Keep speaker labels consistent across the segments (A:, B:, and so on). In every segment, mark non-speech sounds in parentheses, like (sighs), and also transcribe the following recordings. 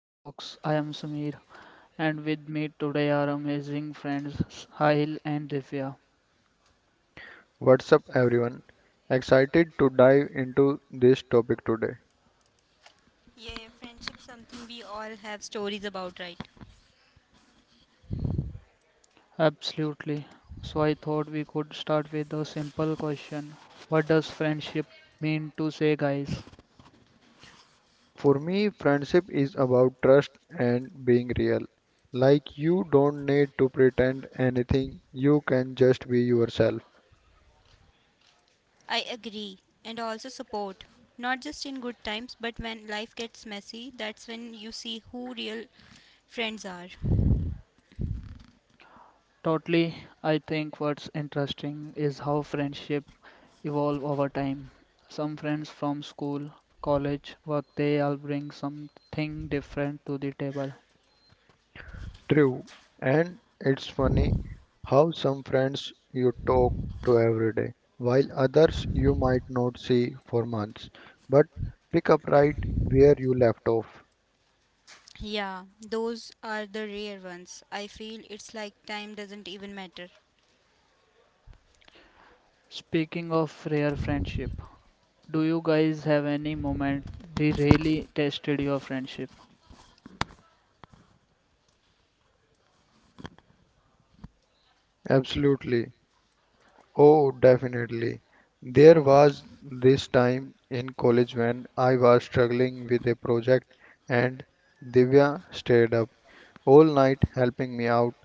A: Talks. I am Samir, and with me today are amazing friends Sahil and Divya.
B: What's up, everyone? Excited to dive into this topic today.
C: Yeah, friendship something we all have stories about, right?
A: Absolutely. So I thought we could start with a simple question. What does friendship mean to say guys?
B: For me, friendship is about trust and being real. You don't need to pretend anything, you can just be yourself.
C: I agree. And also support. Not just in good times, but when life gets messy, that's when you see who real friends are.
A: Totally, I think what's interesting is how friendship evolve over time. Some friends from school, college, work they all bring something different to the table.
B: True. And it's funny how some friends you talk to every day, while others you might not see for months, but pick up right where you left off.
C: Yeah, those are the rare ones. I feel it's like time doesn't even matter.
A: Speaking of rare friendship, do you guys have any moment they really tested your friendship?
B: Absolutely. Oh, definitely. There was this time in college when I was struggling with a project and Divya stayed up all night helping me out.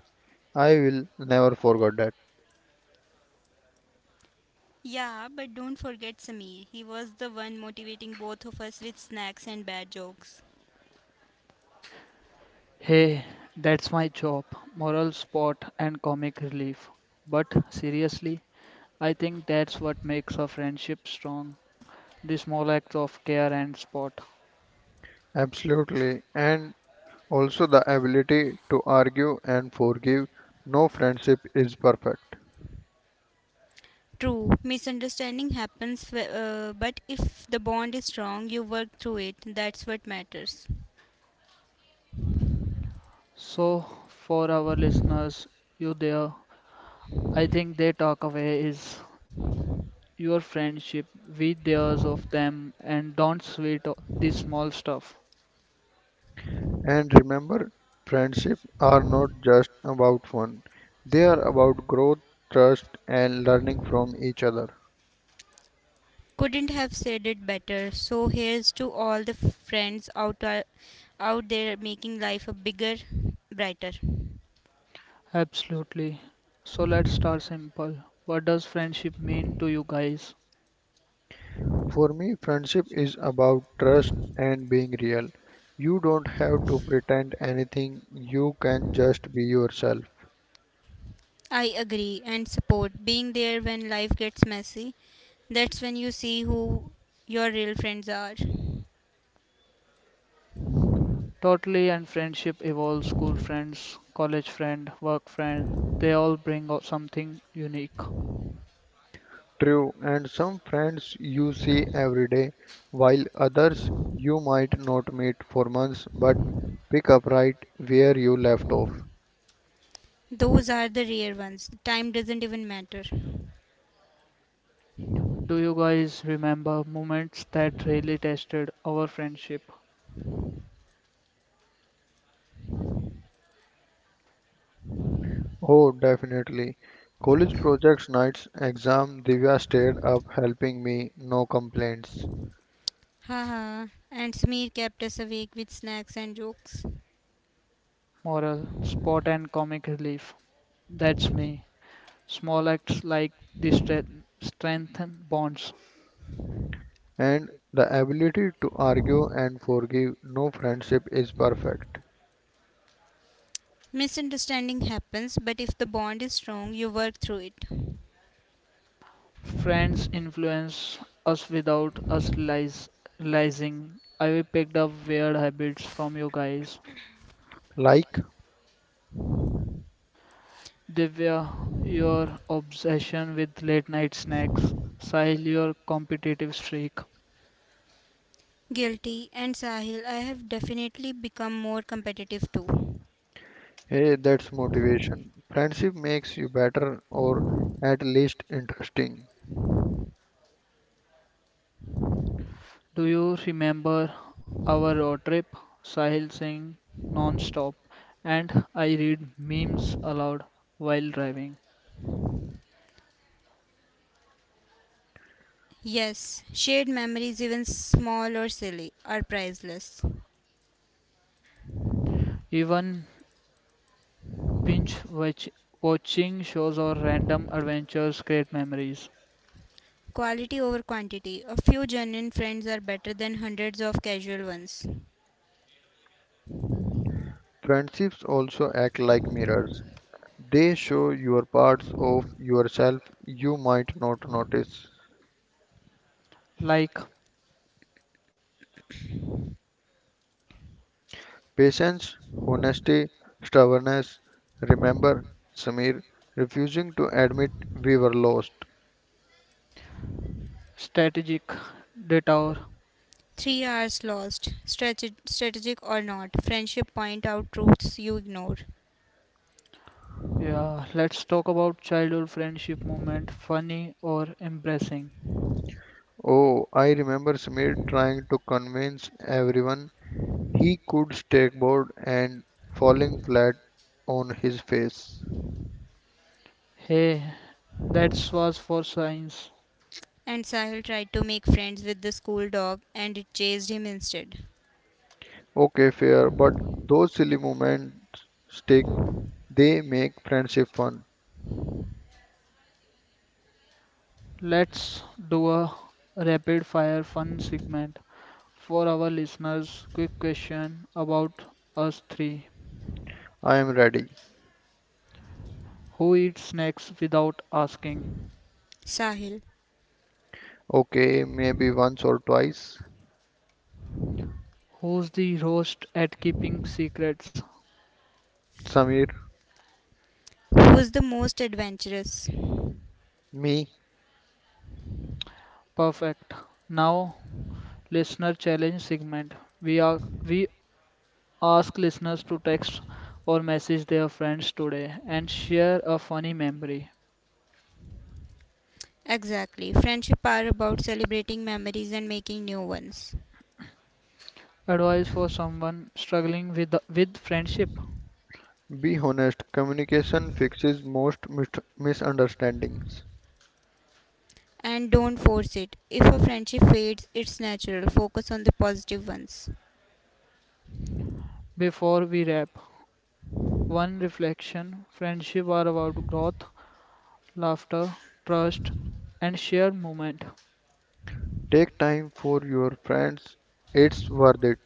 B: I will never forget that.
C: Yeah, but don't forget Samir. He was the one motivating both of us with snacks and bad jokes.
A: Hey, that's my job, moral support and comic relief. But seriously, I think that's what makes a friendship strong, the small acts of care and support.
B: Absolutely. And also the ability to argue and forgive. No friendship is perfect.
C: True, misunderstanding happens, but if the bond is strong, you work through it. That's what matters.
A: So, for our listeners, you there, I think their takeaway is your friendship with theirs of them and don't sweat the small stuff.
B: And remember, friendship are not just about fun. They are about growth, trust and learning from each other.
C: Couldn't have said it better. So here's to all the friends out there making life a bigger, brighter.
A: Absolutely. So let's start simple. What does friendship mean to you guys?
B: For me, friendship is about trust and being real. You don't have to pretend anything, you can just be yourself.
C: I agree and support being there when life gets messy. That's when you see who your real friends are.
A: Totally, and friendship evolves. School friends, college friend, work friend, they all bring out something unique.
B: True, and some friends you see every day, while others you might not meet for months but pick up right where you left off.
C: Those are the rare ones. Time doesn't even matter.
A: Do you guys remember moments that really tested our friendship?
B: Oh, definitely. College projects nights, exam, Divya stayed up helping me, no complaints.
C: Haha, and Smear kept us awake with snacks and jokes.
A: Moral, sport, and comic relief. That's me. Small acts like this strengthen bonds.
B: And the ability to argue and forgive, no friendship is perfect.
C: Misunderstanding happens, but if the bond is strong, you work through it.
A: Friends influence us without us realizing. I picked up weird habits from you guys.
B: Like,
A: Divya, your obsession with late night snacks. Sahil, your competitive streak.
C: Guilty and Sahil, I have definitely become more competitive too.
B: hey, that's motivation. Friendship makes you better or at least interesting.
A: Do you remember our road trip? Sahil saying non-stop, and I read memes aloud while driving.
C: Yes, shared memories, even small or silly, are priceless.
A: Even binge watching shows or random adventures create memories.
C: Quality over quantity. A few genuine friends are better than hundreds of casual ones.
B: Friendships also act like mirrors. They show your parts of yourself you might not notice.
A: Like
B: Patience, honesty, stubbornness. Remember, Samir refusing to admit we were lost.
A: strategic detour.
C: 3 hours lost, strategic or not, friendship point out truths you ignore.
A: Yeah, let's talk about childhood friendship moment, funny or embarrassing.
B: Oh, I remember Samir trying to convince everyone he could stake and falling flat on his face.
A: Hey, that was for science.
C: And Sahil tried to make friends with the school dog and it chased him instead.
B: Okay, fair, but those silly moments stick. They make friendship fun.
A: Let's do a rapid fire fun segment for our listeners. Quick question about us three.
B: I am ready.
A: Who eats snacks without asking?
C: Sahil,
B: Okay, maybe once or twice.
A: Who's the roast at keeping secrets?
B: Samir,
C: who's the most adventurous?
B: me.
A: Perfect. Now, listener challenge segment. We are we Ask listeners to text or message their friends today and share a funny memory.
C: Exactly. Friendship are about celebrating memories and making new ones.
A: Advice for someone struggling with friendship.
B: Be honest. Communication fixes most misunderstandings.
C: And don't force it. If a friendship fades, it's natural. Focus on the positive ones.
A: Before we wrap, one reflection friendship are about growth, laughter, trust, and shared moment.
B: Take time for your friends. It's worth it.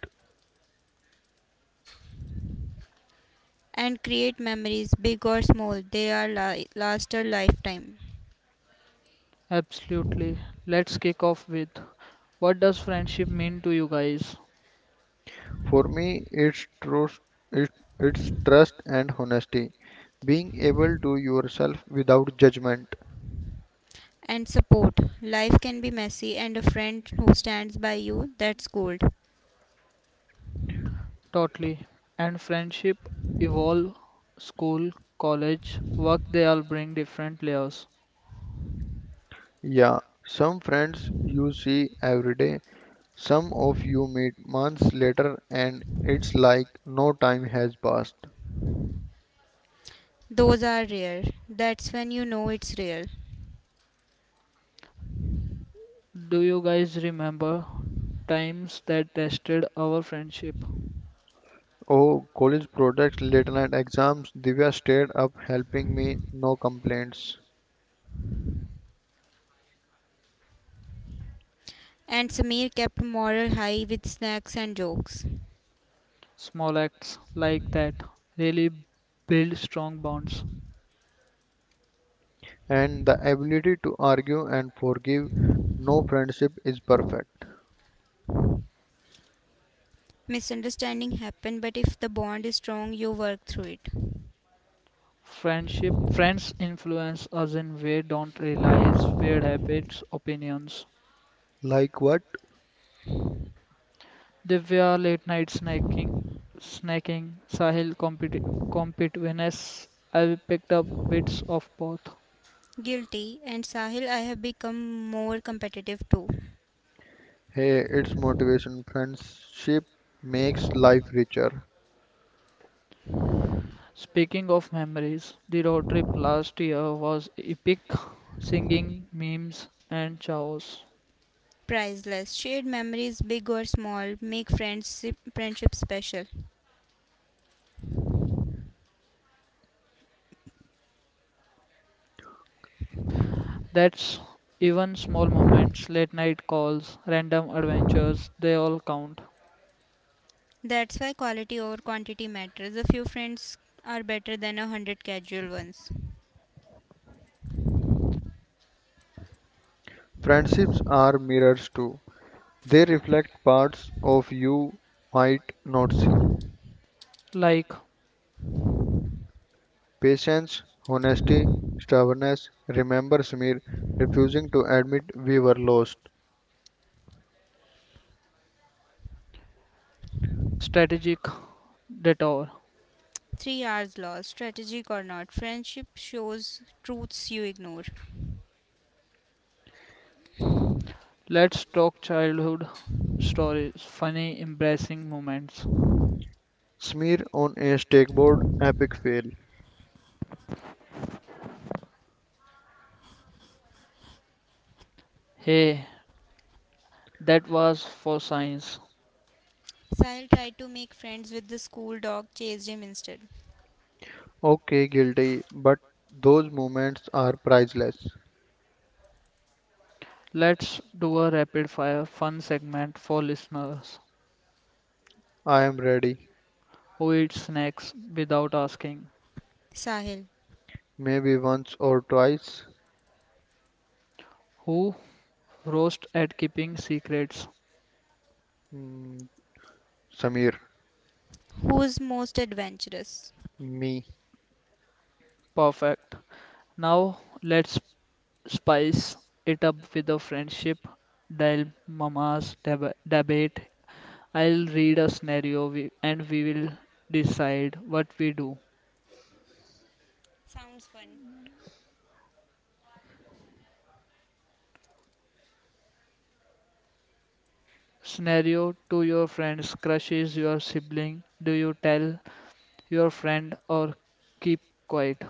C: And create memories, big or small. They are last a lifetime.
A: Absolutely. Let's kick off with what does friendship mean to you guys?
B: For me, it's trust. It, it's trust and honesty. Being able to yourself without judgment.
C: And support. Life can be messy, and a friend who stands by you, that's gold.
A: Totally. And friendship evolve, school, college, work, they all bring different layers.
B: Yeah, some friends you see every day. Some of you meet months later and it's like no time has passed.
C: Those are rare. That's when you know it's real.
A: Do you guys remember times that tested our friendship?
B: Oh, college projects, late night exams, Divya stayed up helping me, no complaints.
C: And Samir kept morale high with snacks and jokes.
A: Small acts like that really build strong bonds.
B: And the ability to argue and forgive, no friendship is perfect.
C: Misunderstanding happen, but if the bond is strong, you work through it.
A: Friendship, friends influence us in we don't realize weird habits, opinions.
B: Like what?
A: Divya late night snacking, Sahil competitiveness. I picked up bits of both.
C: Guilty and Sahil, I have become more competitive too.
B: Hey, it's motivation. Friendship makes life richer.
A: Speaking of memories, the road trip last year was epic. Singing, memes, and chaos.
C: Priceless. Shared memories, big or small, make friendship special.
A: That's even small moments, late night calls, random adventures, they all count.
C: That's why quality over quantity matters. A few friends are better than 100 casual ones.
B: Friendships are mirrors too. They reflect parts of you might not see.
A: Like
B: Patience, honesty, stubbornness. Remember Smear refusing to admit we were lost.
A: strategic detour.
C: 3 hours lost, strategic or not, friendship shows truths you ignore.
A: Let's talk childhood stories, funny, embarrassing moments.
B: Smear on a stakeboard, epic fail.
A: Hey, that was for science.
C: Sahil tried to make friends with the school dog, chased him instead.
B: Okay, guilty, but those moments are priceless.
A: Let's do a rapid fire fun segment for listeners
B: I am ready.
A: who eat snacks without asking,
C: Sahil,
B: Maybe once or twice.
A: who roast at keeping secrets.
B: Mm, Samir,
C: who's most adventurous?
B: me,
A: Perfect. Now let's spice it up with a friendship dilemmas debate. I'll read a scenario and we will decide what we do.
C: Sounds fun.
A: Scenario to your friends crushes your sibling. Do you tell your friend or keep quiet?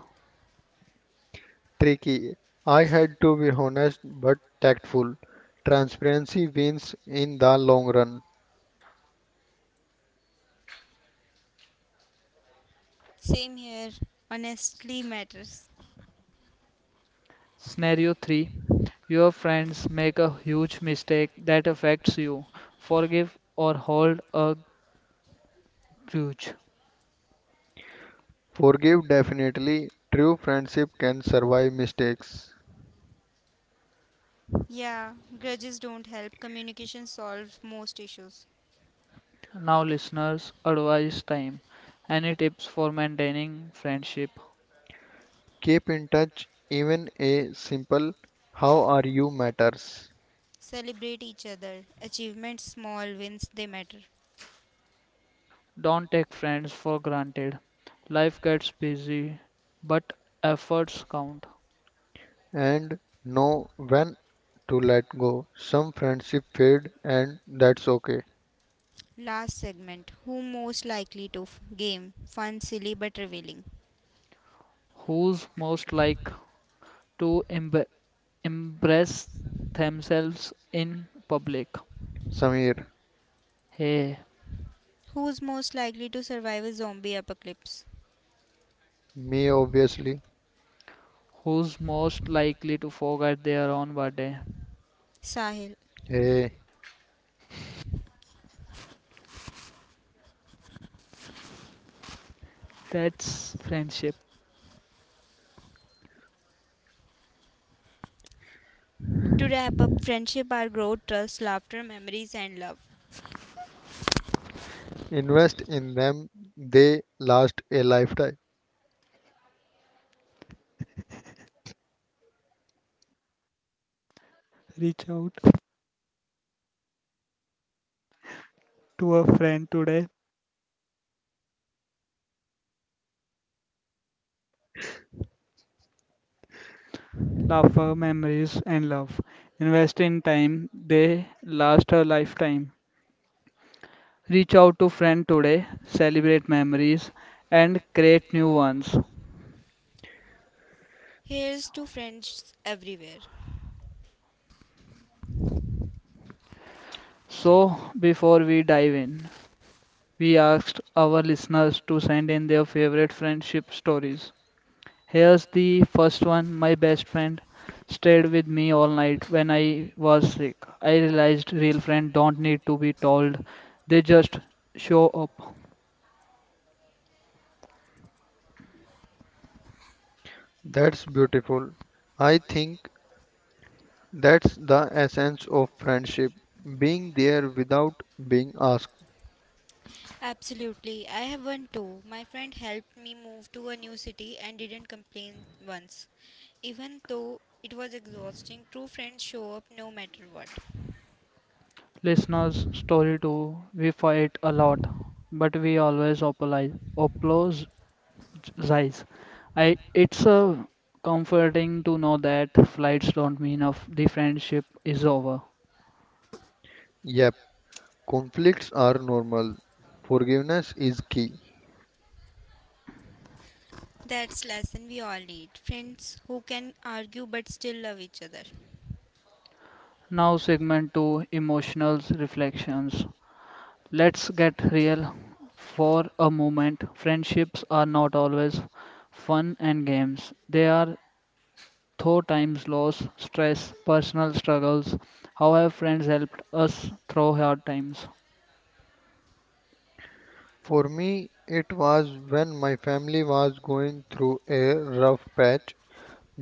B: tricky. I had to be honest but tactful. Transparency wins in the long run.
C: Same here. Honestly matters.
A: Scenario 3. Your friends make a huge mistake that affects you. Forgive or hold a grudge.
B: Forgive definitely. True friendship can survive mistakes.
C: Yeah, grudges don't help. Communication solves most issues.
A: Now, listeners, advice time. Any tips for maintaining friendship?
B: Keep in touch, even a simple how are you matters,
C: Celebrate each other. Achievements, small wins, they matter.
A: Don't take friends for granted. Life gets busy, but efforts count.
B: and know when to let go. Some friendship fade, and that's okay.
C: Last segment. Who most likely to game? Fun, silly, but revealing.
A: Who's most like to embrace themselves in public?
B: Samir,
A: Hey,
C: Who's most likely to survive a zombie apocalypse?
B: me obviously.
A: who's most likely to forget their own birthday?
C: Sahil.
B: Hey,
A: That's friendship.
C: To wrap up, friendship our growth, trust, laughter, memories, and love.
B: invest in them, they last a lifetime.
A: Reach out to a friend today. Laughter, memories, and love. Invest in time, they last a lifetime. Reach out to friend today, celebrate memories, and create new ones.
C: Here's to friends everywhere.
A: So, before we dive in, we asked our listeners to send in their favorite friendship stories. Here's the first one: My best friend stayed with me all night when I was sick. I realized real friends don't need to be told, they just show up.
B: That's beautiful. I think that's the essence of friendship being there without being asked.
C: Absolutely, I have one too. My friend helped me move to a new city and didn't complain once, even though it was exhausting. True friends show up no matter what.
A: Listeners, story two, we fight a lot, but we always apologize. It's comforting to know that flights don't mean of the friendship is over.
B: Yep, conflicts are normal. Forgiveness is key.
C: That's lesson we all need. Friends who can argue but still love each other.
A: Now, segment two, emotional reflections. Let's get real for a moment. Friendships are not always fun and games. They are through times, loss, stress, personal struggles. How have friends helped us through hard times?
B: For me, it was when my family was going through a rough patch.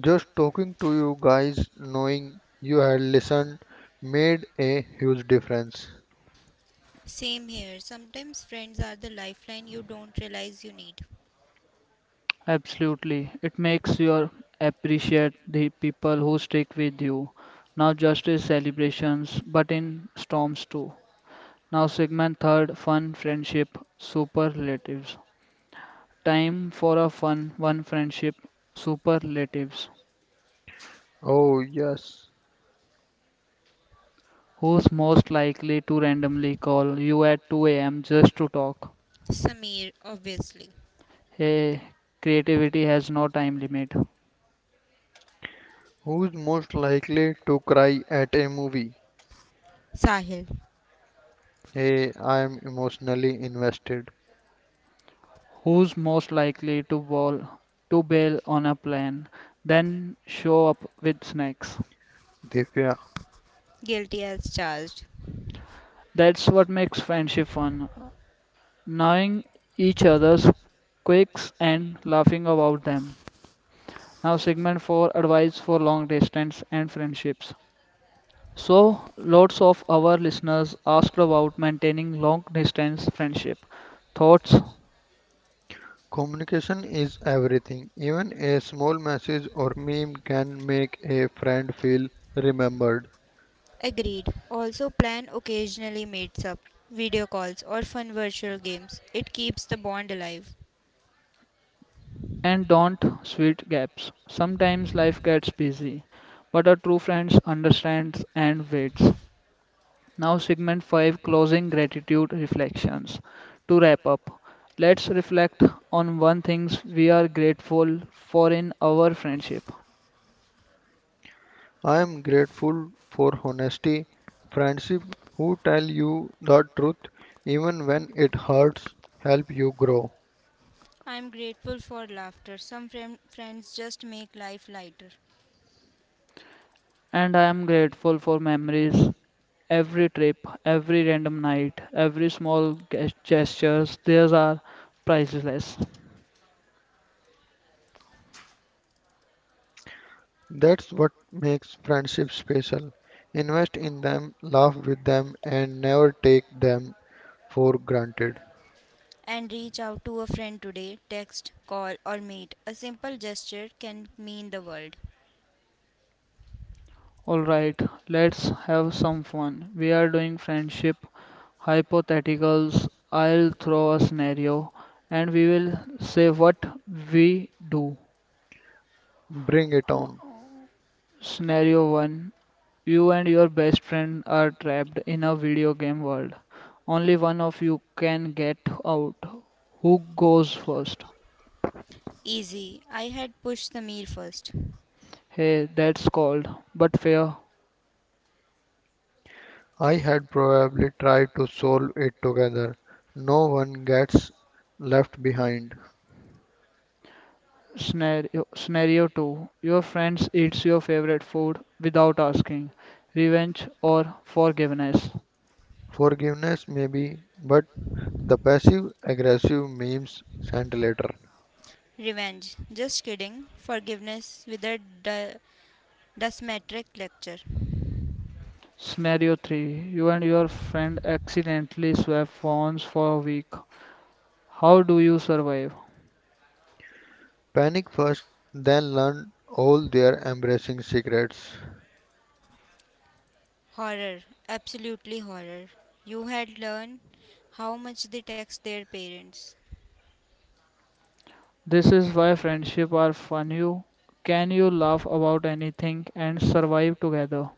B: Just talking to you guys, knowing you had listened, made a huge difference.
C: Same here. Sometimes friends are the lifeline you don't realize you need.
A: Absolutely. It makes you appreciate the people who stick with you. Now justice celebrations, but in storms too. Now segment third, fun friendship superlatives. Time for a fun one friendship superlatives.
B: Oh, yes.
A: Who's most likely to randomly call you at 2 a.m. just to talk?
C: Samir, obviously.
A: Hey, creativity has no time limit.
B: Who's most likely to cry at a movie?
C: Sahil,
B: Hey, I am emotionally invested.
A: Who's most likely to to bail on a plan, then show up with snacks?
B: Divya.
C: guilty as charged.
A: That's what makes friendship fun, knowing each other's quirks and laughing about them. Now, segment 4, advice for long distance and friendships. So, lots of our listeners asked about maintaining long distance friendship. Thoughts?
B: Communication is everything. Even a small message or meme can make a friend feel remembered.
C: Agreed. Also, plan occasionally meets up, video calls, or fun virtual games. It keeps the bond alive.
A: And don't sweet gaps. Sometimes life gets busy, but a true friend understands and waits. Now, segment 5, closing gratitude reflections. To wrap up, let's reflect on one things we are grateful for in our friendship.
B: I am grateful for honesty, friendship who tell you the truth even when it hurts, help you grow.
C: I'm grateful for laughter. Some friends just make life lighter.
A: And I am grateful for memories, every trip, every random night, every small gestures. These are priceless.
B: That's what makes friendship special. Invest in them, laugh with them, and never take them for granted.
C: And reach out to a friend today, text, call, or meet. A simple gesture can mean the world.
A: Alright, let's have some fun. We are doing friendship hypotheticals. I'll throw a scenario and we will say what we do.
B: Bring it on.
A: Scenario 1. You and your best friend are trapped in a video game world. Only one of you can get out. Who goes first?
C: Easy. I had pushed the meal first.
A: Hey, that's called but fair.
B: I had probably tried to solve it together. No one gets left behind.
A: Scenario 2. Your friends eats your favorite food without asking, revenge or forgiveness.
B: Forgiveness, maybe, but the passive aggressive memes sent later.
C: Revenge. Just kidding. Forgiveness with a dusmetric lecture.
A: Scenario 3. You and your friend accidentally swap phones for a week. How do you survive?
B: Panic first, then learn all their embarrassing secrets.
C: Horror, absolutely horror. You had learned how much they text their parents.
A: This is why friendship are fun. You can you laugh about anything and survive together.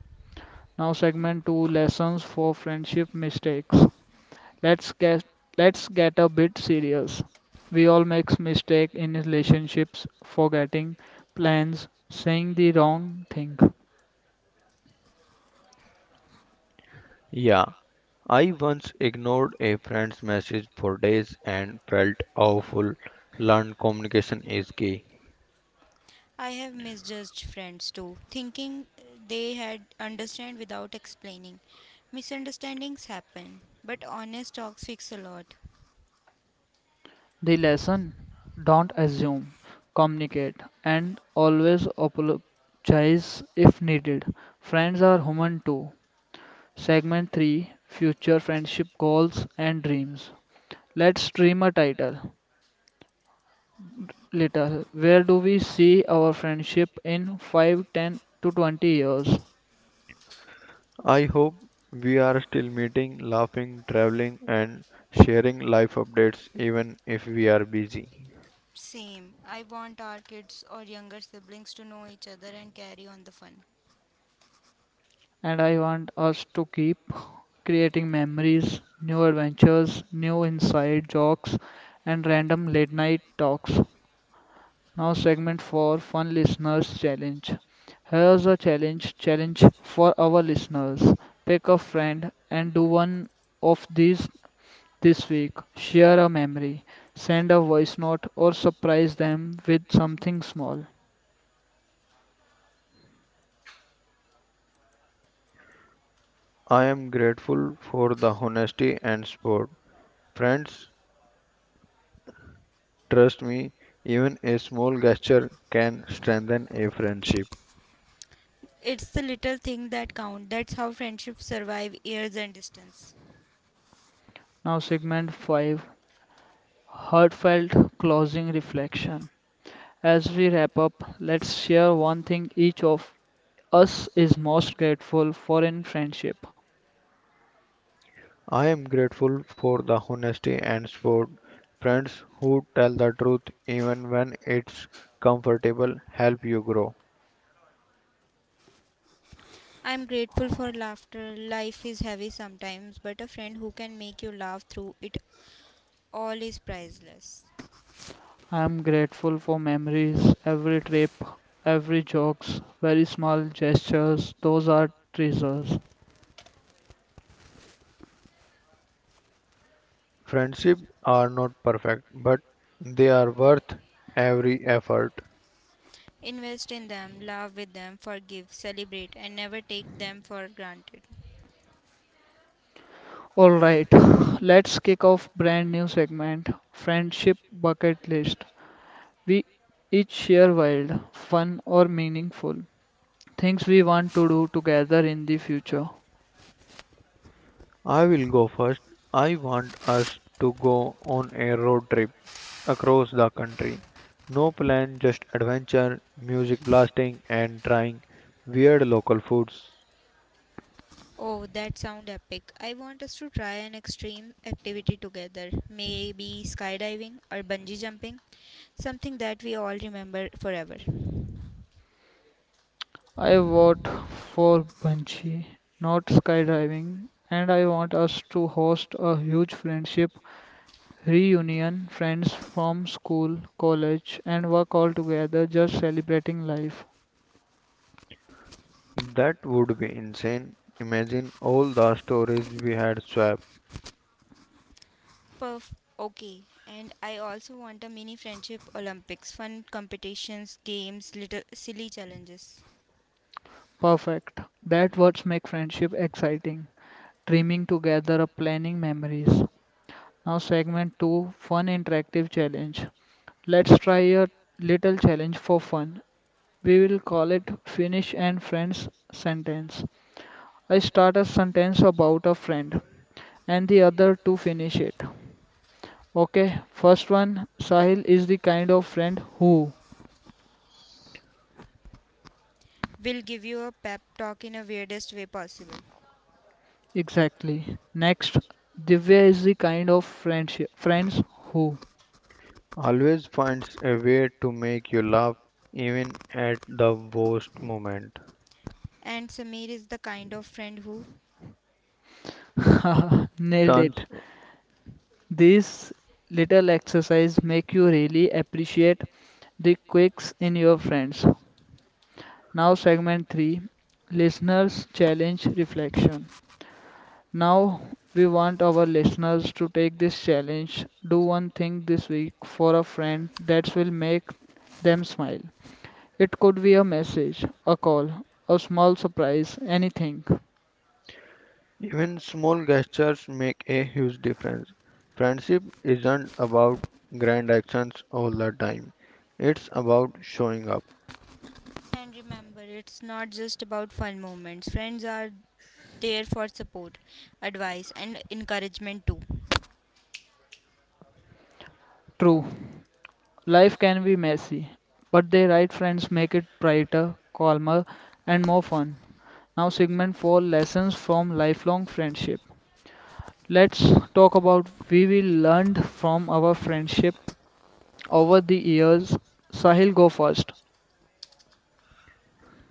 A: Now segment 2, lessons for friendship mistakes. Let's get let's get a bit serious. We all make mistakes in relationships, forgetting plans, saying the wrong thing.
B: Yeah, I once ignored a friend's message for days and felt awful. Learned communication is key.
C: I have misjudged friends too, thinking they had understand without explaining. Misunderstandings happen, but honest talks fix a lot.
A: The lesson: don't assume, communicate, and always apologize if needed. Friends are human too. Segment 3: future friendship goals and dreams. Let's dream a title. Little. Where do we see our friendship in 5, 10 to 20 years?
B: I hope we are still meeting, laughing, traveling, and sharing life updates even if we are busy.
C: Same. I want our kids or younger siblings to know each other and carry on the fun.
A: And I want us to keep creating memories, new adventures, new inside jokes, and random late night talks. Now, segment for fun listeners challenge. Here's a challenge for our listeners. Pick a friend and do one of these this week. Share a memory, send a voice note, or surprise them with something small.
B: I am grateful for the honesty and support. Friends, trust me, even a small gesture can strengthen a friendship.
C: It's the little thing that count. That's how friendships survive years and distance.
A: Now, segment 5, heartfelt closing reflection. As we wrap up, let's share one thing each of us is most grateful for in friendship.
B: I am grateful for the honesty and support. Friends who tell the truth even when it's comfortable help you grow.
C: I'm grateful for laughter. Life is heavy sometimes, but a friend who can make you laugh through it all is priceless.
A: I am grateful for memories, every trip, every jokes, very small gestures. Those are treasures.
B: Friendships are not perfect, but they are worth every effort.
C: Invest in them, laugh with them, forgive, celebrate, and never take them for granted.
A: All right, (laughs) (sighs) let's kick off brand new segment, friendship bucket list. We each share wild, fun or meaningful things we want to do together in the future.
B: I will go first. I want us to go on a road trip across the country. No plan, just adventure, music blasting, and trying weird local foods.
C: Oh, that sounds epic. I want us to try an extreme activity together. Maybe skydiving or bungee jumping. Something that we all remember forever.
A: I vote for bungee, not skydiving, and I want us to host a huge friendship reunion, friends from school, college, and work all together just celebrating life.
B: That would be insane. Imagine all the stories we had swapped.
C: Perf Okay. And I also want a mini friendship Olympics, fun competitions, games, little silly challenges.
A: Perfect. That words make friendship exciting. Dreaming together, of planning memories. Now segment 2, fun interactive challenge. Let's try a little challenge for fun. We will call it finish and friends sentence. I start a sentence about a friend and the other to finish it. Okay, first one: Sahil is the kind of friend who
C: We'll give you a pep talk in a weirdest way possible.
A: exactly. Next, Divya is the kind of friendship friends who.
B: Always finds a way to make you laugh even at the worst moment.
C: And Samir is the kind of friend who
A: (laughs) Nailed
B: Turns
A: it. These little exercise make you really appreciate the quirks in your friends. Now segment 3, listeners challenge reflection. Now, we want our listeners to take this challenge. Do one thing this week for a friend that will make them smile. It could be a message, a call, a small surprise, anything.
B: even small gestures make a huge difference. Friendship isn't about grand actions all the time. It's about showing up.
C: and remember it's not just about fun moments. Friends are there for support, advice and encouragement too.
A: True, life can be messy, but the right friends make it brighter, calmer, and more fun. Now, segment 4, lessons from lifelong friendship. Let's talk about we will learned from our friendship over the years. Sahil, go first.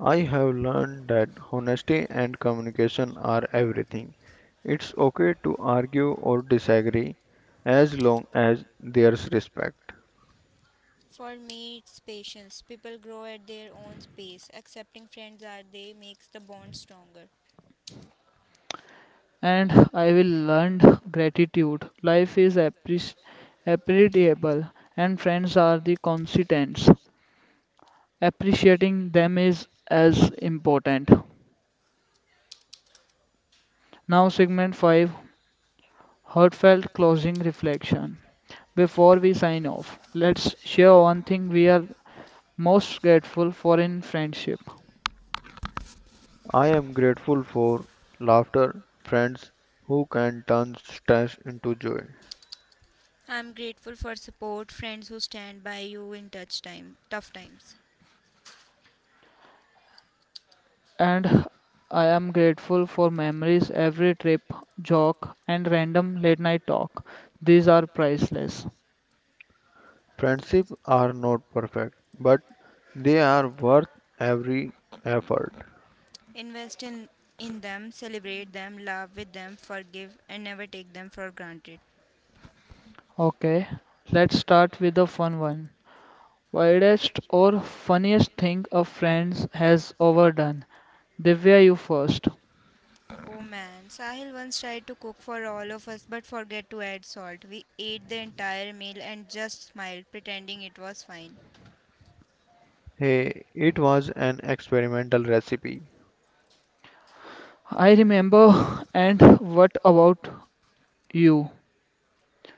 B: I have learned that honesty and communication are everything. It's okay to argue or disagree as long as there's respect.
C: For me, it's patience. People grow at their own pace. Accepting friends are they makes the bond stronger.
A: And I will learn gratitude. Life is appreciable, and friends are the constants. Appreciating them is as important. Now, segment 5, heartfelt closing reflection. Before we sign off, let's share one thing we are most grateful for in friendship.
B: I am grateful for laughter, friends who can turn stress into joy.
C: I'm grateful for support, friends who stand by you in tough times.
A: And I am grateful for memories, every trip, joke, and random late night talk. These are priceless.
B: Friendships are not perfect, but they are worth every effort.
C: Invest in them, celebrate them, laugh with them, forgive, and never take them for granted.
A: Okay, let's start with the fun one. Weirdest or funniest thing a friend has ever done. Divya, you first.
C: Oh man, Sahil once tried to cook for all of us but forget to add salt. We ate the entire meal and just smiled, pretending it was fine.
B: Hey, it was an experimental recipe.
A: I remember, (laughs) and what about you?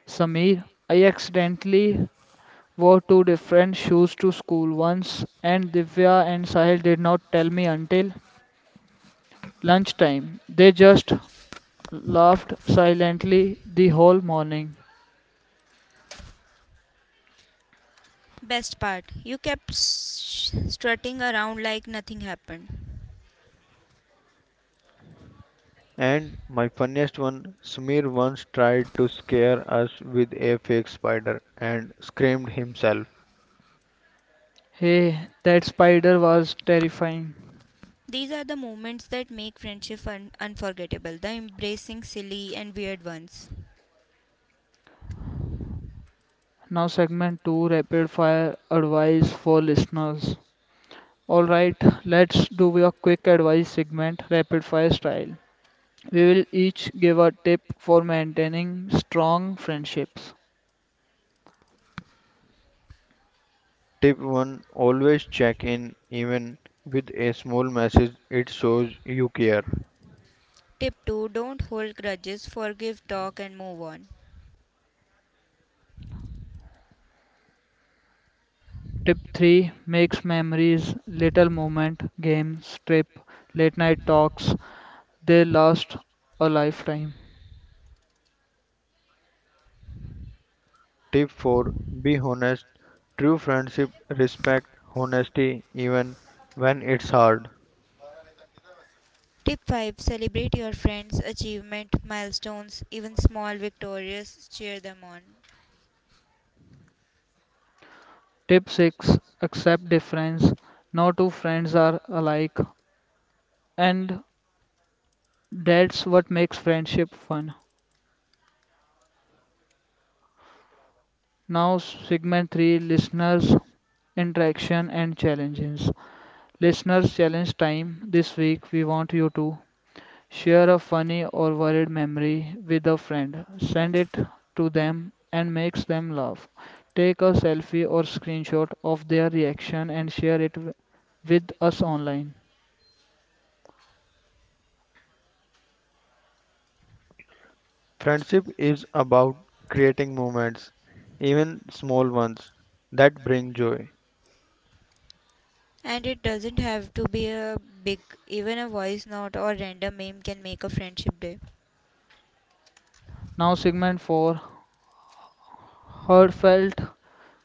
A: Sameer, I accidentally wore two different shoes to school once, and Divya and Sahil did not tell me until lunchtime. They just laughed silently the whole morning.
C: Best part, you kept strutting around like nothing happened.
B: And my funniest one, Smear once tried to scare us with a fake spider and screamed himself.
A: Hey, that spider was terrifying.
C: These are the moments that make friendship unforgettable, the embracing silly and weird ones.
A: Now, segment two, rapid fire advice for listeners. All right, let's do a quick advice segment, rapid fire style. We will each give a tip for maintaining strong friendships.
B: Tip 1: Always check in, even with a small message, it shows you care.
C: Tip 2 Don't hold grudges, forgive, talk, and move on.
A: Tip three makes memories, little moment, games, trip, late night talks. They last a lifetime.
B: Tip 4: Be honest. True friendship respect honesty even when it's hard.
C: Tip 5 Celebrate your friends' achievement, milestones, even small victories, cheer them on.
A: Tip six accept difference. No two friends are alike, and that's what makes friendship fun. Now, segment three listeners' interaction and challenges. Listeners' challenge time. This week, we want you to share a funny or worried memory with a friend, send it to them, and makes them laugh. Take a selfie or screenshot of their reaction and share it with us online.
B: Friendship is about creating moments, even small ones, that bring joy.
C: And it doesn't have to be a big, even a voice note or random meme can make a friendship day.
A: Now, segment four, heartfelt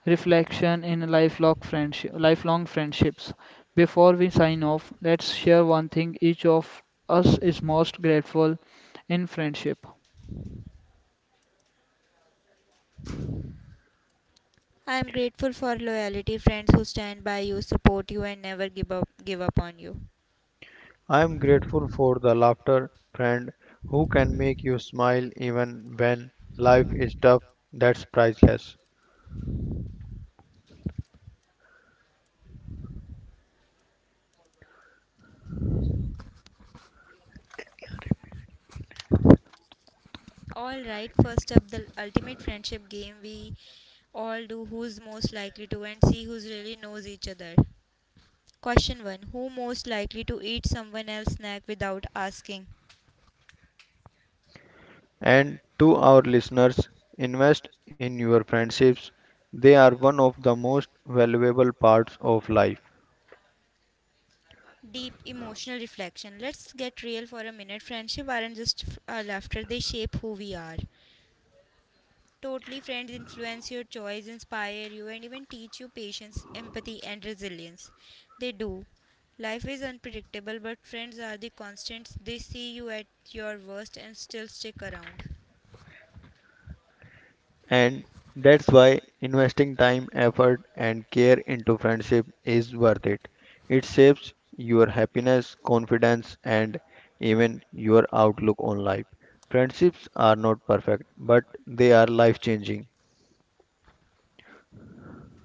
A: reflection in lifelong friendships. Before we sign off, let's share one thing each of us is most grateful in friendship.
C: I am grateful for loyalty friends who stand by you, support you, and never give up on you.
B: I am grateful for the laughter friend who can make you smile even when life is tough. That's priceless.
C: All right, first up the ultimate friendship game we all do who's most likely to and see who's really knows each other. Question 1 Who most likely to eat someone else's snack without asking?
B: And to our listeners, invest in your friendships. They are one of the most valuable parts of life.
C: Deep emotional reflection. Let's get real for a minute. Friendship aren't just laughter, they shape who we are. Totally, friends influence your choice, inspire you, and even teach you patience, empathy, and resilience. They do. Life is unpredictable, but friends are the constants. They see you at your worst and still stick around.
B: And that's why investing time, effort, and care into friendship is worth it. It shapes your happiness, confidence, and even your outlook on life. Friendships are not perfect, but they are life changing.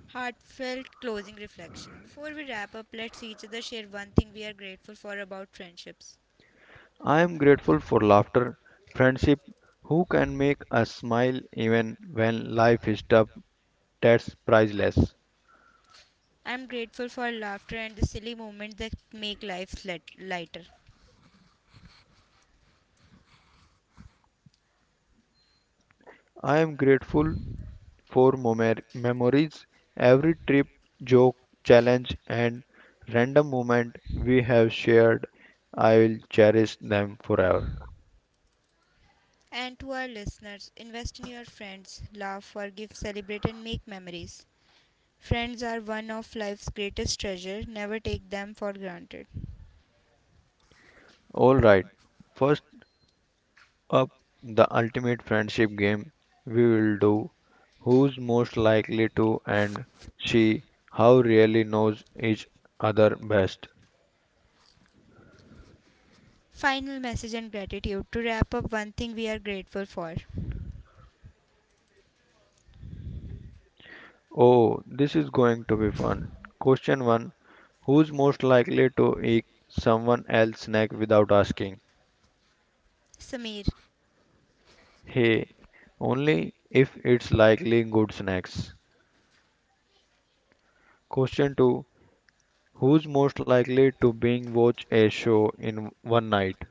C: Heartfelt closing reflection. Before we wrap up, let's each other share one thing we are grateful for about friendships.
B: I am grateful for laughter, friendship, who can make us smile even when life is tough. That's priceless.
C: I'm grateful for laughter and the silly moments that make life lighter.
B: I am grateful for memories, every trip, joke, challenge, and random moment we have shared. I will cherish them forever.
C: And to our listeners, invest in your friends, laugh, forgive, celebrate, and make memories. Friends are one of life's greatest treasure. Never take them for granted.
B: Alright, first up, the ultimate friendship game we will do who's most likely to and she how really knows each other best.
C: Final message and gratitude. To wrap up, one thing we are grateful for.
B: Oh, this is going to be fun. Question 1: Who's most likely to eat someone else's snack without asking?
C: Samir,
B: Hey, only if it's likely good snacks. Question 2. Who's most likely to binge watch a show in one night?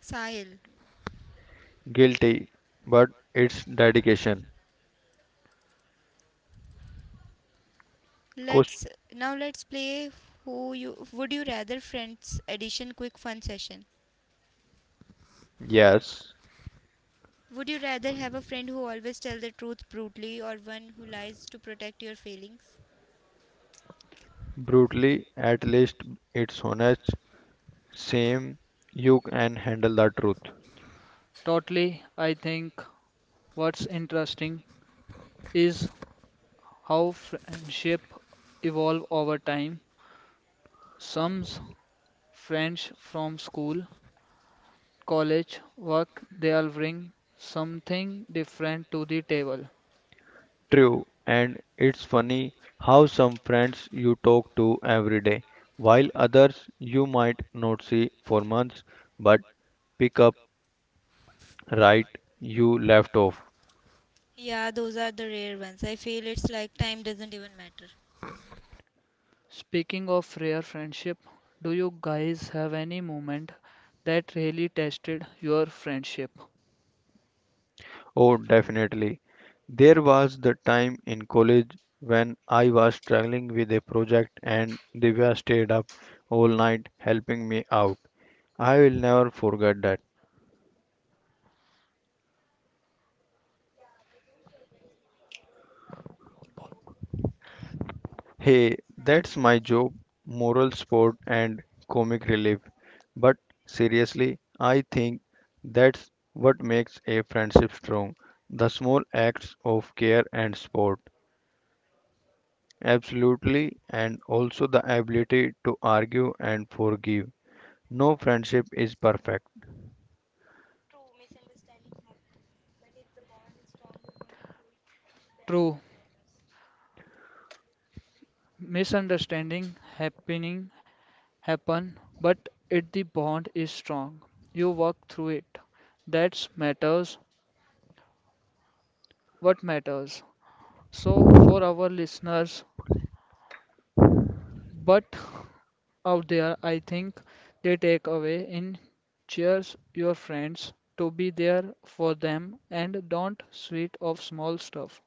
C: Sahil,
B: Guilty, but it's dedication. Question
C: Let's let's play who you would you rather friends edition quick fun session.
B: yes,
C: Would you rather have a friend who always tells the truth brutally or one who lies to protect your feelings?
B: brutally, at least it's honest. Same, you can handle the truth.
A: Totally, I think what's interesting is how friendship evolve over time. Some s- friends from school, college, work, they all bring something different to the table.
B: True, and it's funny how some friends you talk to every day, while others you might not see for months, but pick up right you left off.
C: Yeah, those are the rare ones. I feel it's like time doesn't even matter.
A: Speaking of rare friendship, do you guys have any moment that really tested your friendship?
B: Oh, definitely. There was the time in college when I was struggling with a project and Divya stayed up all night helping me out. I will never forget that. Hey, that's my job, moral support and comic relief. But seriously, I think that's what makes a friendship strong, the small acts of care and support. Absolutely, and also the ability to argue and forgive. No friendship is perfect.
A: True, misunderstanding happening happen, but it the bond is strong. You work through it. That's matters. What matters. So for our listeners, but out there, I think they take away in cheers your friends to be there for them and don't sweat of small stuff.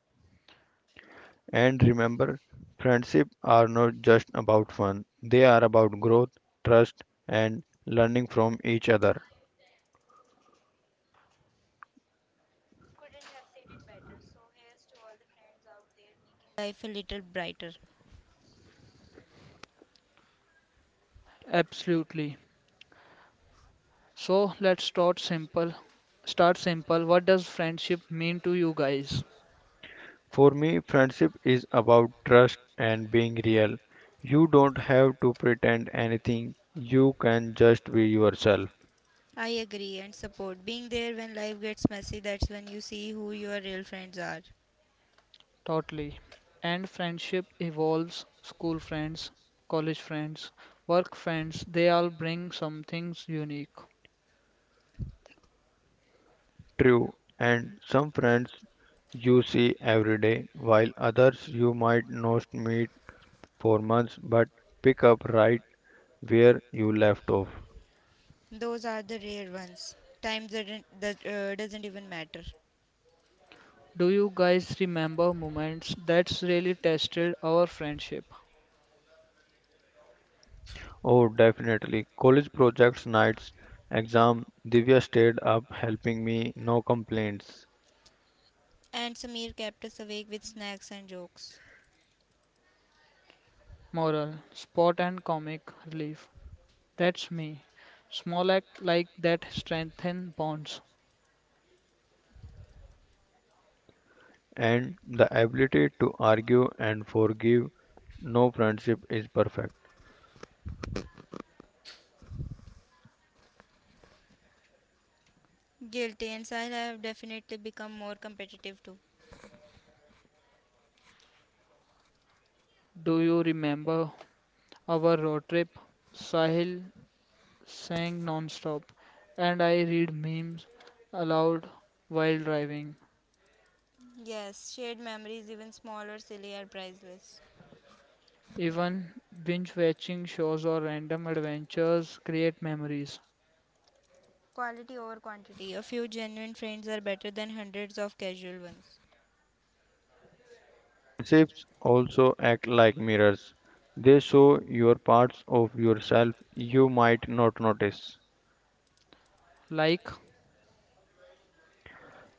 B: And remember, friendships are not just about fun, they are about growth, trust, and learning from each other.
C: Making life a little brighter.
A: Absolutely. So let's start simple. Start simple. What does friendship mean to you guys?
B: For me, friendship is about trust and being real. You don't have to pretend anything, you can just be yourself.
C: I agree and support. Being there when life gets messy, that's when you see who your real friends are.
A: Totally. And friendship evolves. School friends, college friends, work friends, they all bring some things unique.
B: True, and some friends you see every day, while others you might not meet for months, but pick up right where you left off.
C: Those are the rare ones. Time doesn't even matter.
A: Do you guys remember moments that's really tested our friendship?
B: Oh, definitely. College projects, nights, exam. Divya stayed up helping me, no complaints.
C: And Samir kept us awake with snacks and jokes.
A: Moral, spot and comic relief. That's me. Small act like that strengthen bonds.
B: And the ability to argue and forgive, no friendship is perfect.
C: Guilty and Sahil have definitely become more competitive too.
A: Do you remember our road trip? Sahil sang non-stop and I read memes aloud while driving.
C: Yes, shared memories, even small or silly, are priceless.
A: Even binge-watching shows or random adventures create memories,
C: Quality over quantity. A few genuine friends are better than hundreds of casual ones.
B: Friendships also act like mirrors. They show your parts of yourself you might not notice.
A: like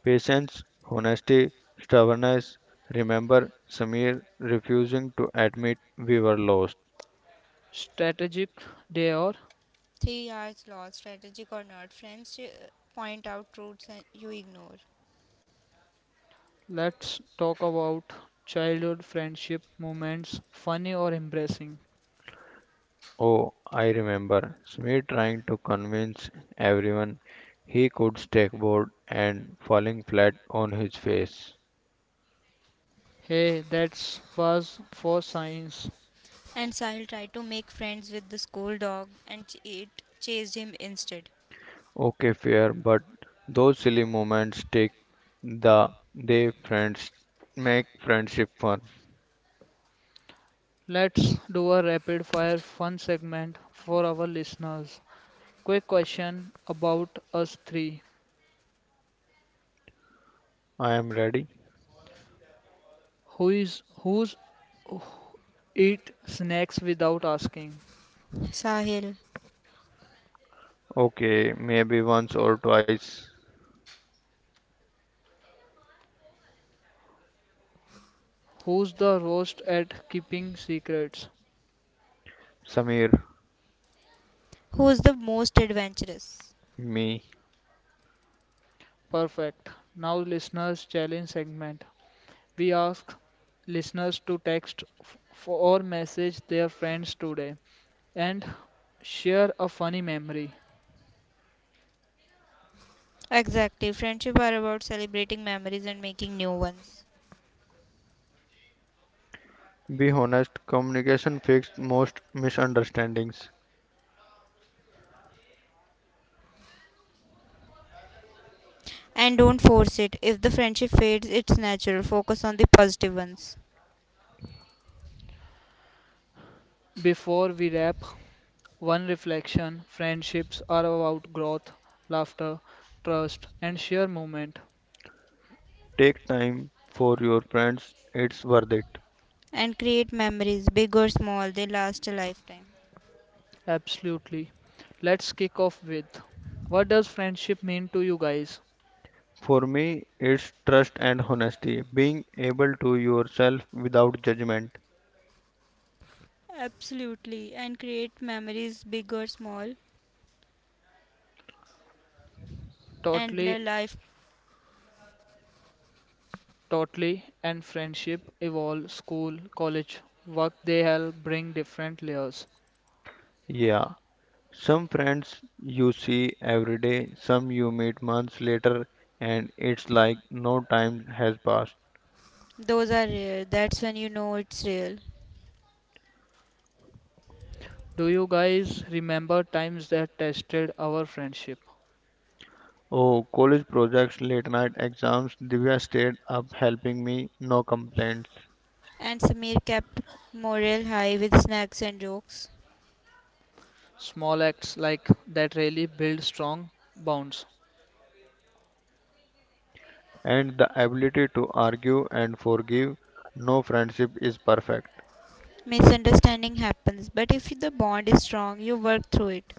B: Patience, honesty, stubbornness. Remember Samir refusing to admit we were lost.
A: strategic day or
C: Three R's lost, strategic or not. Friends point out truths and you ignore.
A: let's talk about childhood friendship moments, funny or embarrassing.
B: Oh, I remember Samir trying to convince everyone he could skateboard and falling flat on his face.
A: Hey, that was for science.
C: And Sahil tried to make friends with the school dog and it chased him instead.
B: Okay, fair, but those silly moments take the they friends make friendship fun.
A: Let's do a rapid-fire fun segment for our listeners. Quick question about us three.
B: I am ready.
A: Who's eat snacks without asking?
C: Sahil,
B: Okay, maybe once or twice.
A: Who's the roast at keeping secrets?
B: Samir,
C: who is the most adventurous?
B: me.
A: Perfect. Now, listeners challenge segment. We ask listeners to text or message their friends today and share a funny memory.
C: Exactly. Friendship are about celebrating memories and making new ones.
B: Be honest, communication fixes most misunderstandings.
C: And don't force it. If the friendship fades, it's natural. Focus on the positive ones.
A: Before we wrap, one reflection friendships are about growth, laughter, trust, and sheer moment.
B: Take time for your friends, it's worth it.
C: And create memories, big or small, they last a lifetime.
A: Absolutely. Let's kick off with what does friendship mean to you guys?
B: For me, it's trust and honesty, being able to yourself without judgment.
C: Absolutely. And create memories, big or small, and the
A: Totally
C: life,
A: Totally, and friendship evolve, school, college, work they help bring different layers.
B: Yeah, some friends you see every day, some you meet months later, and it's like no time has passed.
C: those are rare. That's when you know it's real.
A: Do you guys remember times that tested our friendship?
B: Oh, college projects, late night exams, Divya stayed up helping me, no complaints.
C: And Samir kept morale high with snacks and jokes.
A: Small acts like that really build strong bonds.
B: And the ability to argue and forgive. No friendship is perfect.
C: Misunderstanding happens, but if the bond is strong, you work through it.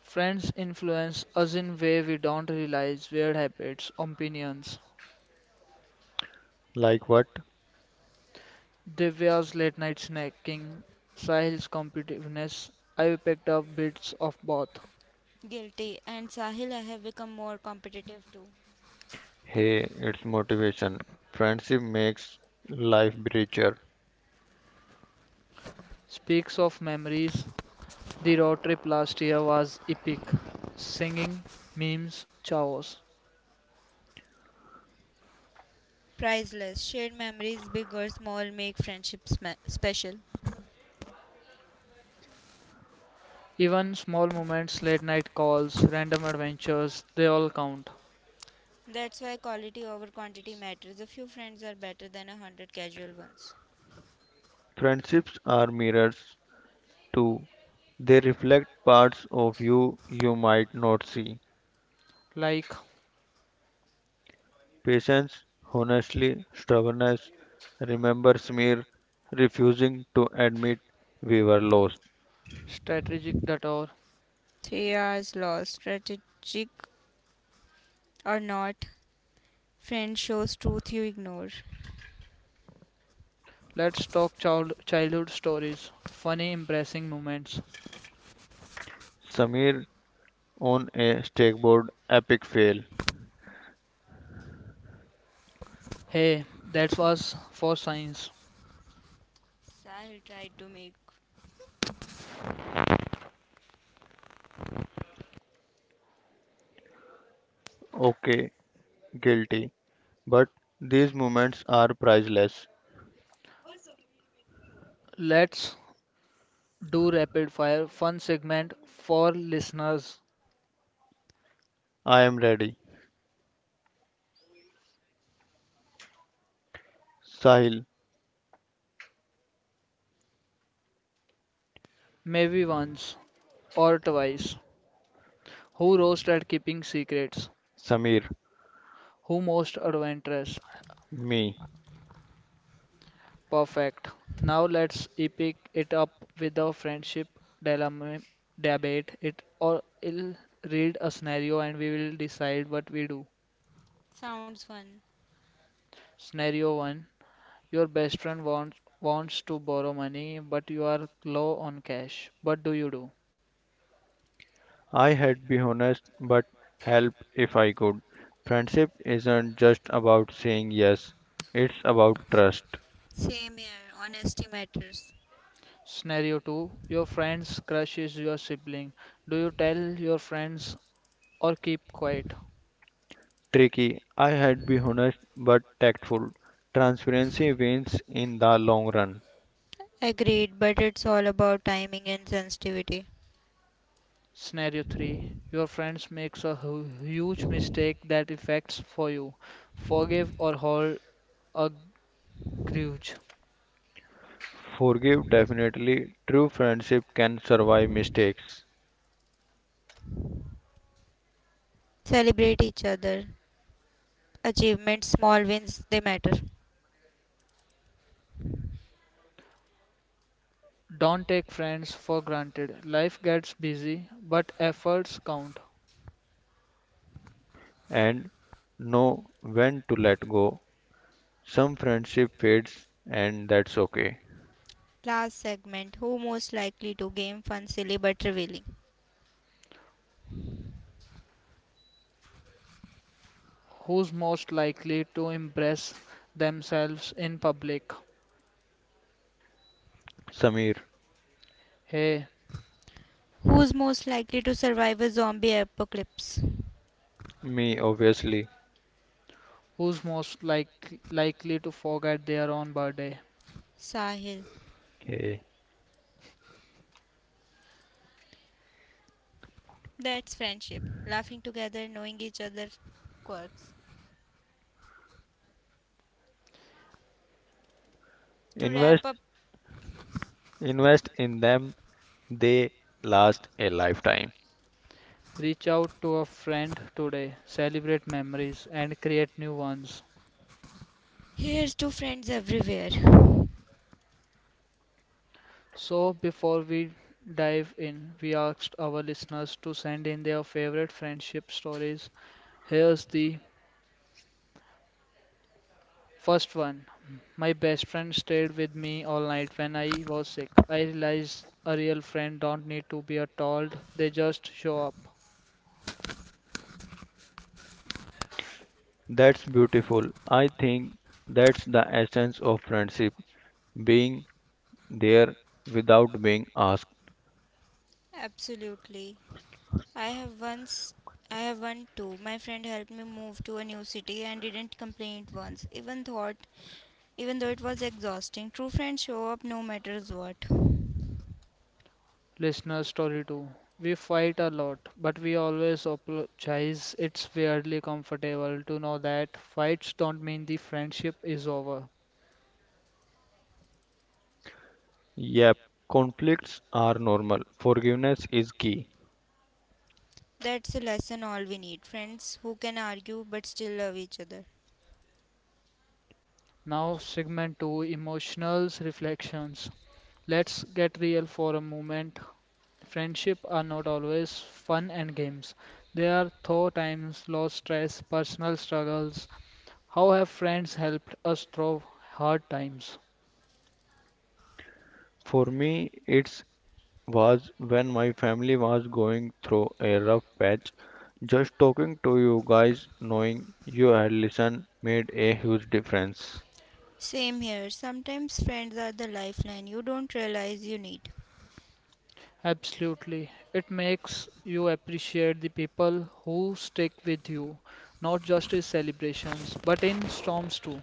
A: Friends influence us in way we don't realize weird habits, opinions.
B: Like what?
A: Divya's late night snacking, Sahil's competitiveness, I picked up bits of both.
C: Guilty. And Sahil, I have become more competitive too.
B: Hey, it's motivation. Friendship makes life richer.
A: Speaks of memories. The road trip last year was epic. Singing, memes, chaos.
C: Priceless. Shared memories, big or small, make friendships special.
A: Even small moments, late night calls, random adventures, they all count.
C: That's why quality over quantity matters. A few friends are better than a hundred casual ones.
B: Friendships are mirrors too. They reflect parts of you you might not see.
A: Like
B: Patience, honestly, stubbornness, remember Smear refusing to admit we were lost.
A: strategic detour.
C: 3 hours lost, strategic or not, friend shows truth you ignore.
A: Let's talk childhood stories. Funny, embarrassing moments.
B: Samir on a stakeboard epic fail.
A: Hey, that was for science.
C: I'll try to make
B: Okay, guilty. But these moments are priceless.
A: Let's do rapid fire fun segment for listeners.
B: I am ready. Sahil,
A: Maybe once or twice. Who roast at keeping secrets?
B: Samir,
A: Who most adventurous?
B: me.
A: Perfect. Now let's epic it up with a friendship dilemma debate. It or it'll read a scenario and we will decide what we do.
C: Sounds fun.
A: Scenario one: your best friend wants to borrow money, but you are low on cash. What do you do?
B: I had be honest but help if I could. Friendship isn't just about saying yes, it's about trust.
C: Same here, honesty matters.
A: Scenario two: your friend's crush is your sibling. Do you tell your friends or keep quiet?
B: Tricky. I had be honest but tactful. Transparency wins in the long run.
C: Agreed, but it's all about timing and sensitivity.
A: Scenario 3, your friends makes a huge mistake that affects for you. Forgive or hold a grudge.
B: Forgive definitely. True friendship can survive mistakes
C: Celebrate each other. Achievements, small wins, they matter.
A: Don't take friends for granted. Life gets busy, but efforts count.
B: and know when to let go. Some friendship fades and that's okay.
C: Last segment Who most likely to game fun, silly but revealing?
A: Who's most likely to embrace themselves in public?
B: Samir,
A: Hey,
C: Who's most likely to survive a zombie apocalypse?
B: me obviously.
A: who's most likely to forget their own birthday?
C: Sahil.
B: Hey.
C: That's friendship. Laughing together, knowing each other's quirks. To wrap
B: Invest
C: up,
B: invest in them. They last a lifetime.
A: Reach out to a friend today, celebrate memories, and create new ones.
C: here's to friends everywhere.
A: So, before we dive in, we asked our listeners to send in their favorite friendship stories. Here's the first one. My best friend stayed with me all night when I was sick. I realized a real friend don't need to be told, they just show up.
B: That's beautiful. I think that's the essence of friendship, being there without being asked.
C: Absolutely. I have once I have one too. My friend helped me move to a new city and didn't complain once. Even though it was exhausting. True friends show up no matters what.
A: Listener story 2. We fight a lot, but we always apologize. It's weirdly comfortable to know that fights don't mean the friendship is over.
B: Yep, conflicts are normal. Forgiveness is key.
C: That's a lesson all we need. Friends who can argue but still love each other.
A: Now, segment 2, emotionals reflections. Let's get real for a moment. Friendship are not always fun and games. There are tough times, low stress, personal struggles. How have friends helped us through hard times?
B: For me, it's was when my family was going through a rough patch. Just talking to you guys, knowing you had listened, made a huge difference.
C: Same here. Sometimes friends are the lifeline you don't realize you need.
A: Absolutely. It makes you appreciate the people who stick with you, not just in celebrations, but in storms too.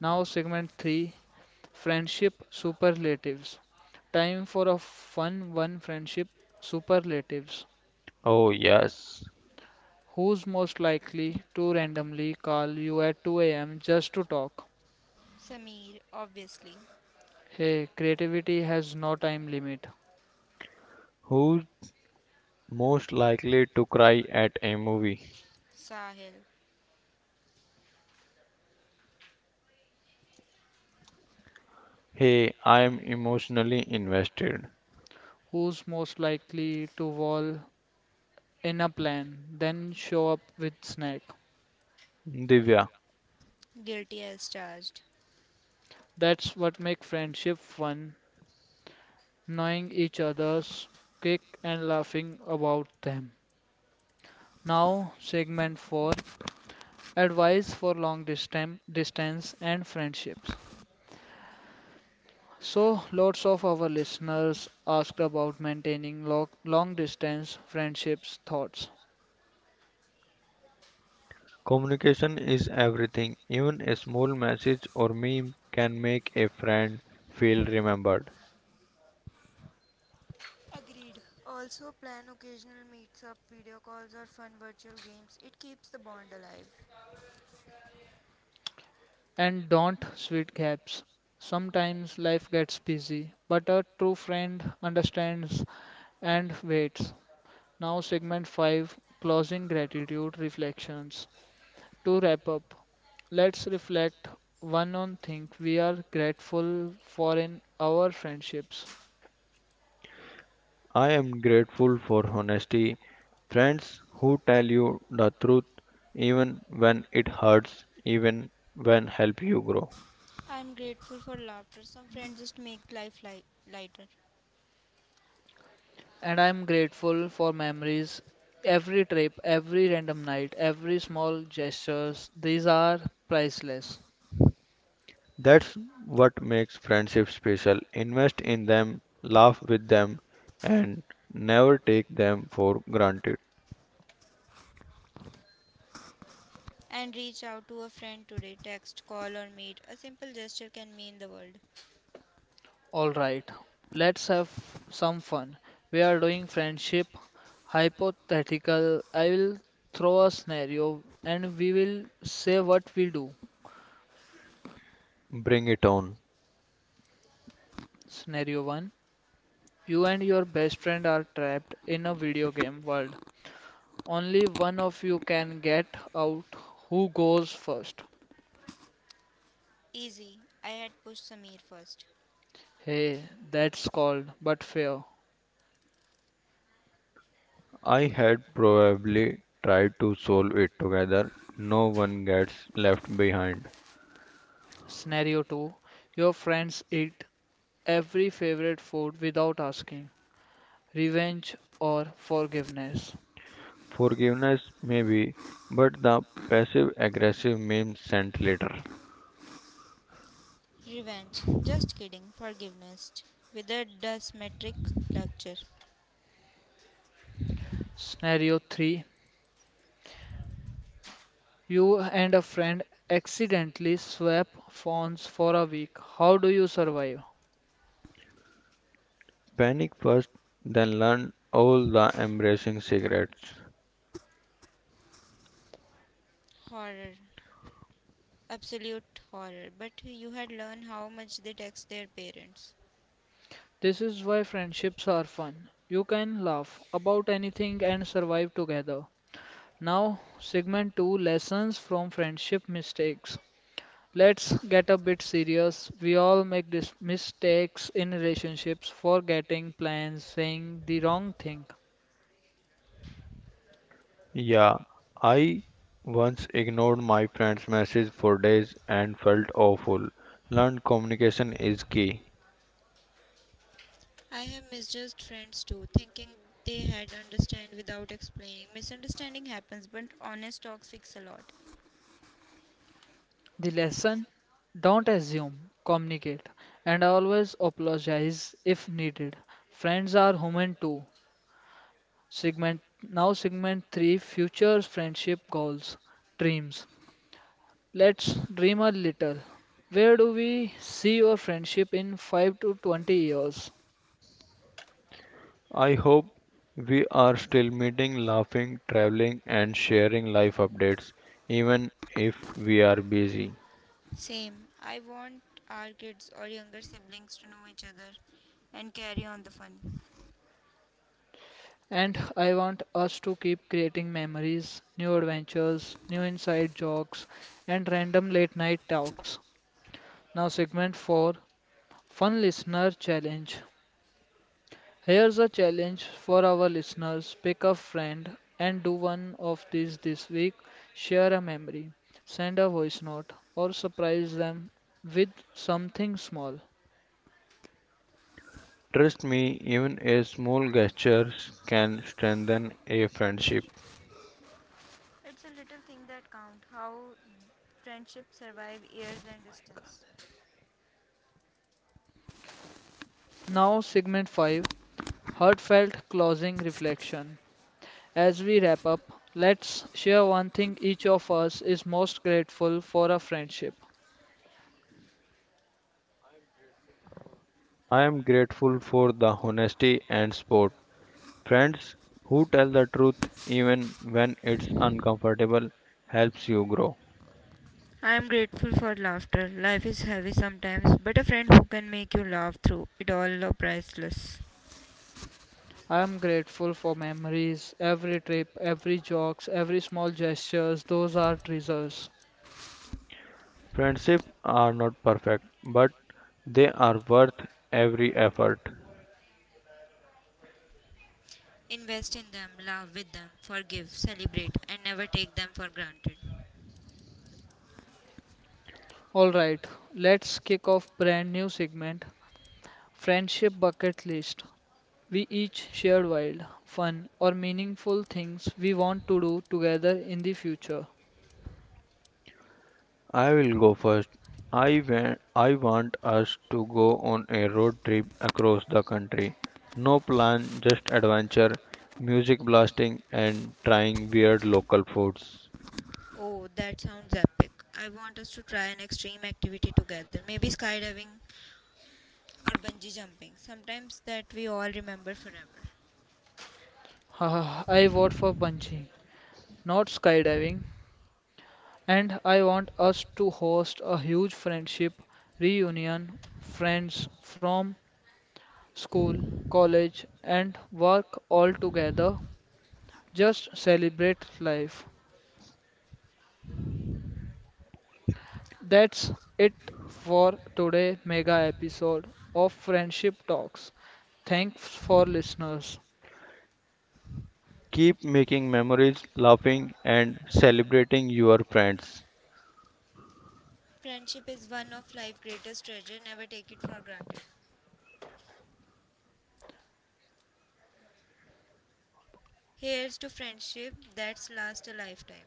A: Now, segment 3, friendship superlatives. Time for a fun one, friendship superlatives.
B: Oh, yes.
A: Who's most likely to randomly call you at 2 a.m. just to talk?
C: Samir, obviously.
A: Hey, creativity has no time limit.
B: Who's most likely to cry at a movie?
C: Sahil,
B: Hey, I am emotionally invested.
A: Who's most likely to wall in a plan, then show up with snack?
B: Divya,
C: guilty as charged.
A: That's what makes friendship fun, knowing each other's quick and laughing about them. Now, segment 4, advice for long distance, and friendships. So, lots of our listeners asked about maintaining long distance friendships, thoughts,
B: communication is everything. Even a small message or meme can make a friend feel remembered.
C: Agreed. Also plan occasional meets up, video calls or fun virtual games. It keeps the bond alive.
A: and don't sweet gaps. Sometimes life gets busy, but a true friend understands and waits. Now, segment 5, closing gratitude reflections. To wrap up, let's reflect one on thing we are grateful for in our friendships.
B: I am grateful for honesty. Friends who tell you the truth even when it hurts, even when help you grow.
C: I'm grateful for laughter. Some friends just make life lighter.
A: And I'm grateful for memories, every trip, every random night, every small gestures. These are priceless.
B: That's what makes friendships special. Invest in them, laugh with them, and never take them for granted.
C: And reach out to a friend today. Text, call, or meet. A simple gesture can mean the world.
A: All right, let's have some fun. We are doing friendship hypothetical. I will throw a scenario and we will say what we do.
B: Bring it on.
A: Scenario 1. You and your best friend are trapped in a video game world. Only one of you can get out. Who goes first?
C: Easy. I had pushed Samir first.
A: Hey, that's called but fair.
B: I had probably tried to solve it together. No one gets left behind.
A: Scenario 2, your friends eat every favorite food without asking, revenge or forgiveness.
B: Forgiveness, maybe, but the passive aggressive meme sent later.
C: Revenge. Just kidding. Forgiveness. Withered the symmetric lecture.
A: Scenario 3, you and a friend accidentally swap phones for a week. How do you survive?
B: Panic first, then learn all the embracing secrets.
C: Horror. Absolute horror. But you had learned how much they text their parents.
A: This is why friendships are fun. You can laugh about anything and survive together. Now, segment 2, lessons from friendship mistakes. Let's get a bit serious. We all make mistakes in relationships, forgetting plans, saying the wrong thing.
B: Yeah, I once ignored my friend's message for days and felt awful. Learned communication is key.
C: I have misjudged friends too, thinking they had understand without explaining. Misunderstanding happens, but honest talks fix a lot.
A: The lesson, don't assume, communicate, and always apologize if needed. Friends are human too. Segment 3, future friendship goals, dreams. Let's dream a little. Where do we see your friendship in 5 to 20 years?
B: I hope we are still meeting, laughing, traveling, and sharing life updates, even if we are busy.
C: Same. I want our kids or younger siblings to know each other and carry on the fun.
A: And I want us to keep creating memories, new adventures, new inside jokes, and random late night talks. Now, segment 4, fun listener challenge. Here's a challenge for our listeners, pick a friend and do one of these this week. Share a memory, send a voice note, or surprise them with something small.
B: Trust me, even a small gestures can strengthen a friendship.
C: It's a little thing that count how friendships survive years and distance.
A: Now, segment 5, heartfelt closing reflection. As we wrap up, let's share one thing each of us is most grateful for a friendship.
B: I am grateful for the honesty and support. Friends who tell the truth even when it's uncomfortable helps you grow.
C: I am grateful for laughter. Life is heavy sometimes, but a friend who can make you laugh through it all are priceless.
A: I am grateful for memories, every trip, every jokes, every small gestures, those are treasures.
B: Friendships are not perfect, but they are worth every effort.
C: Invest in them, love with them, forgive, celebrate, and never take them for granted.
A: Alright, let's kick off brand new segment, friendship bucket list. We each shared wild, fun or meaningful things we want to do together in the future.
B: I will go first. I want us to go on a road trip across the country. No plan, just adventure, music blasting and trying weird local foods.
C: Oh, that sounds epic. I want us to try an extreme activity together. Maybe skydiving or bungee jumping, sometimes that we all remember forever.
A: (laughs) Haha, I vote for bungee. Not skydiving. And I want us to host a huge friendship reunion, friends from school, college, and work all together. Just celebrate life. That's it for today mega episode of Friendship Talks. Thanks for listeners.
B: Keep making memories, laughing and celebrating your friends.
C: Friendship is one of life's greatest treasure, never take it for granted. Here's to friendship that's last a lifetime.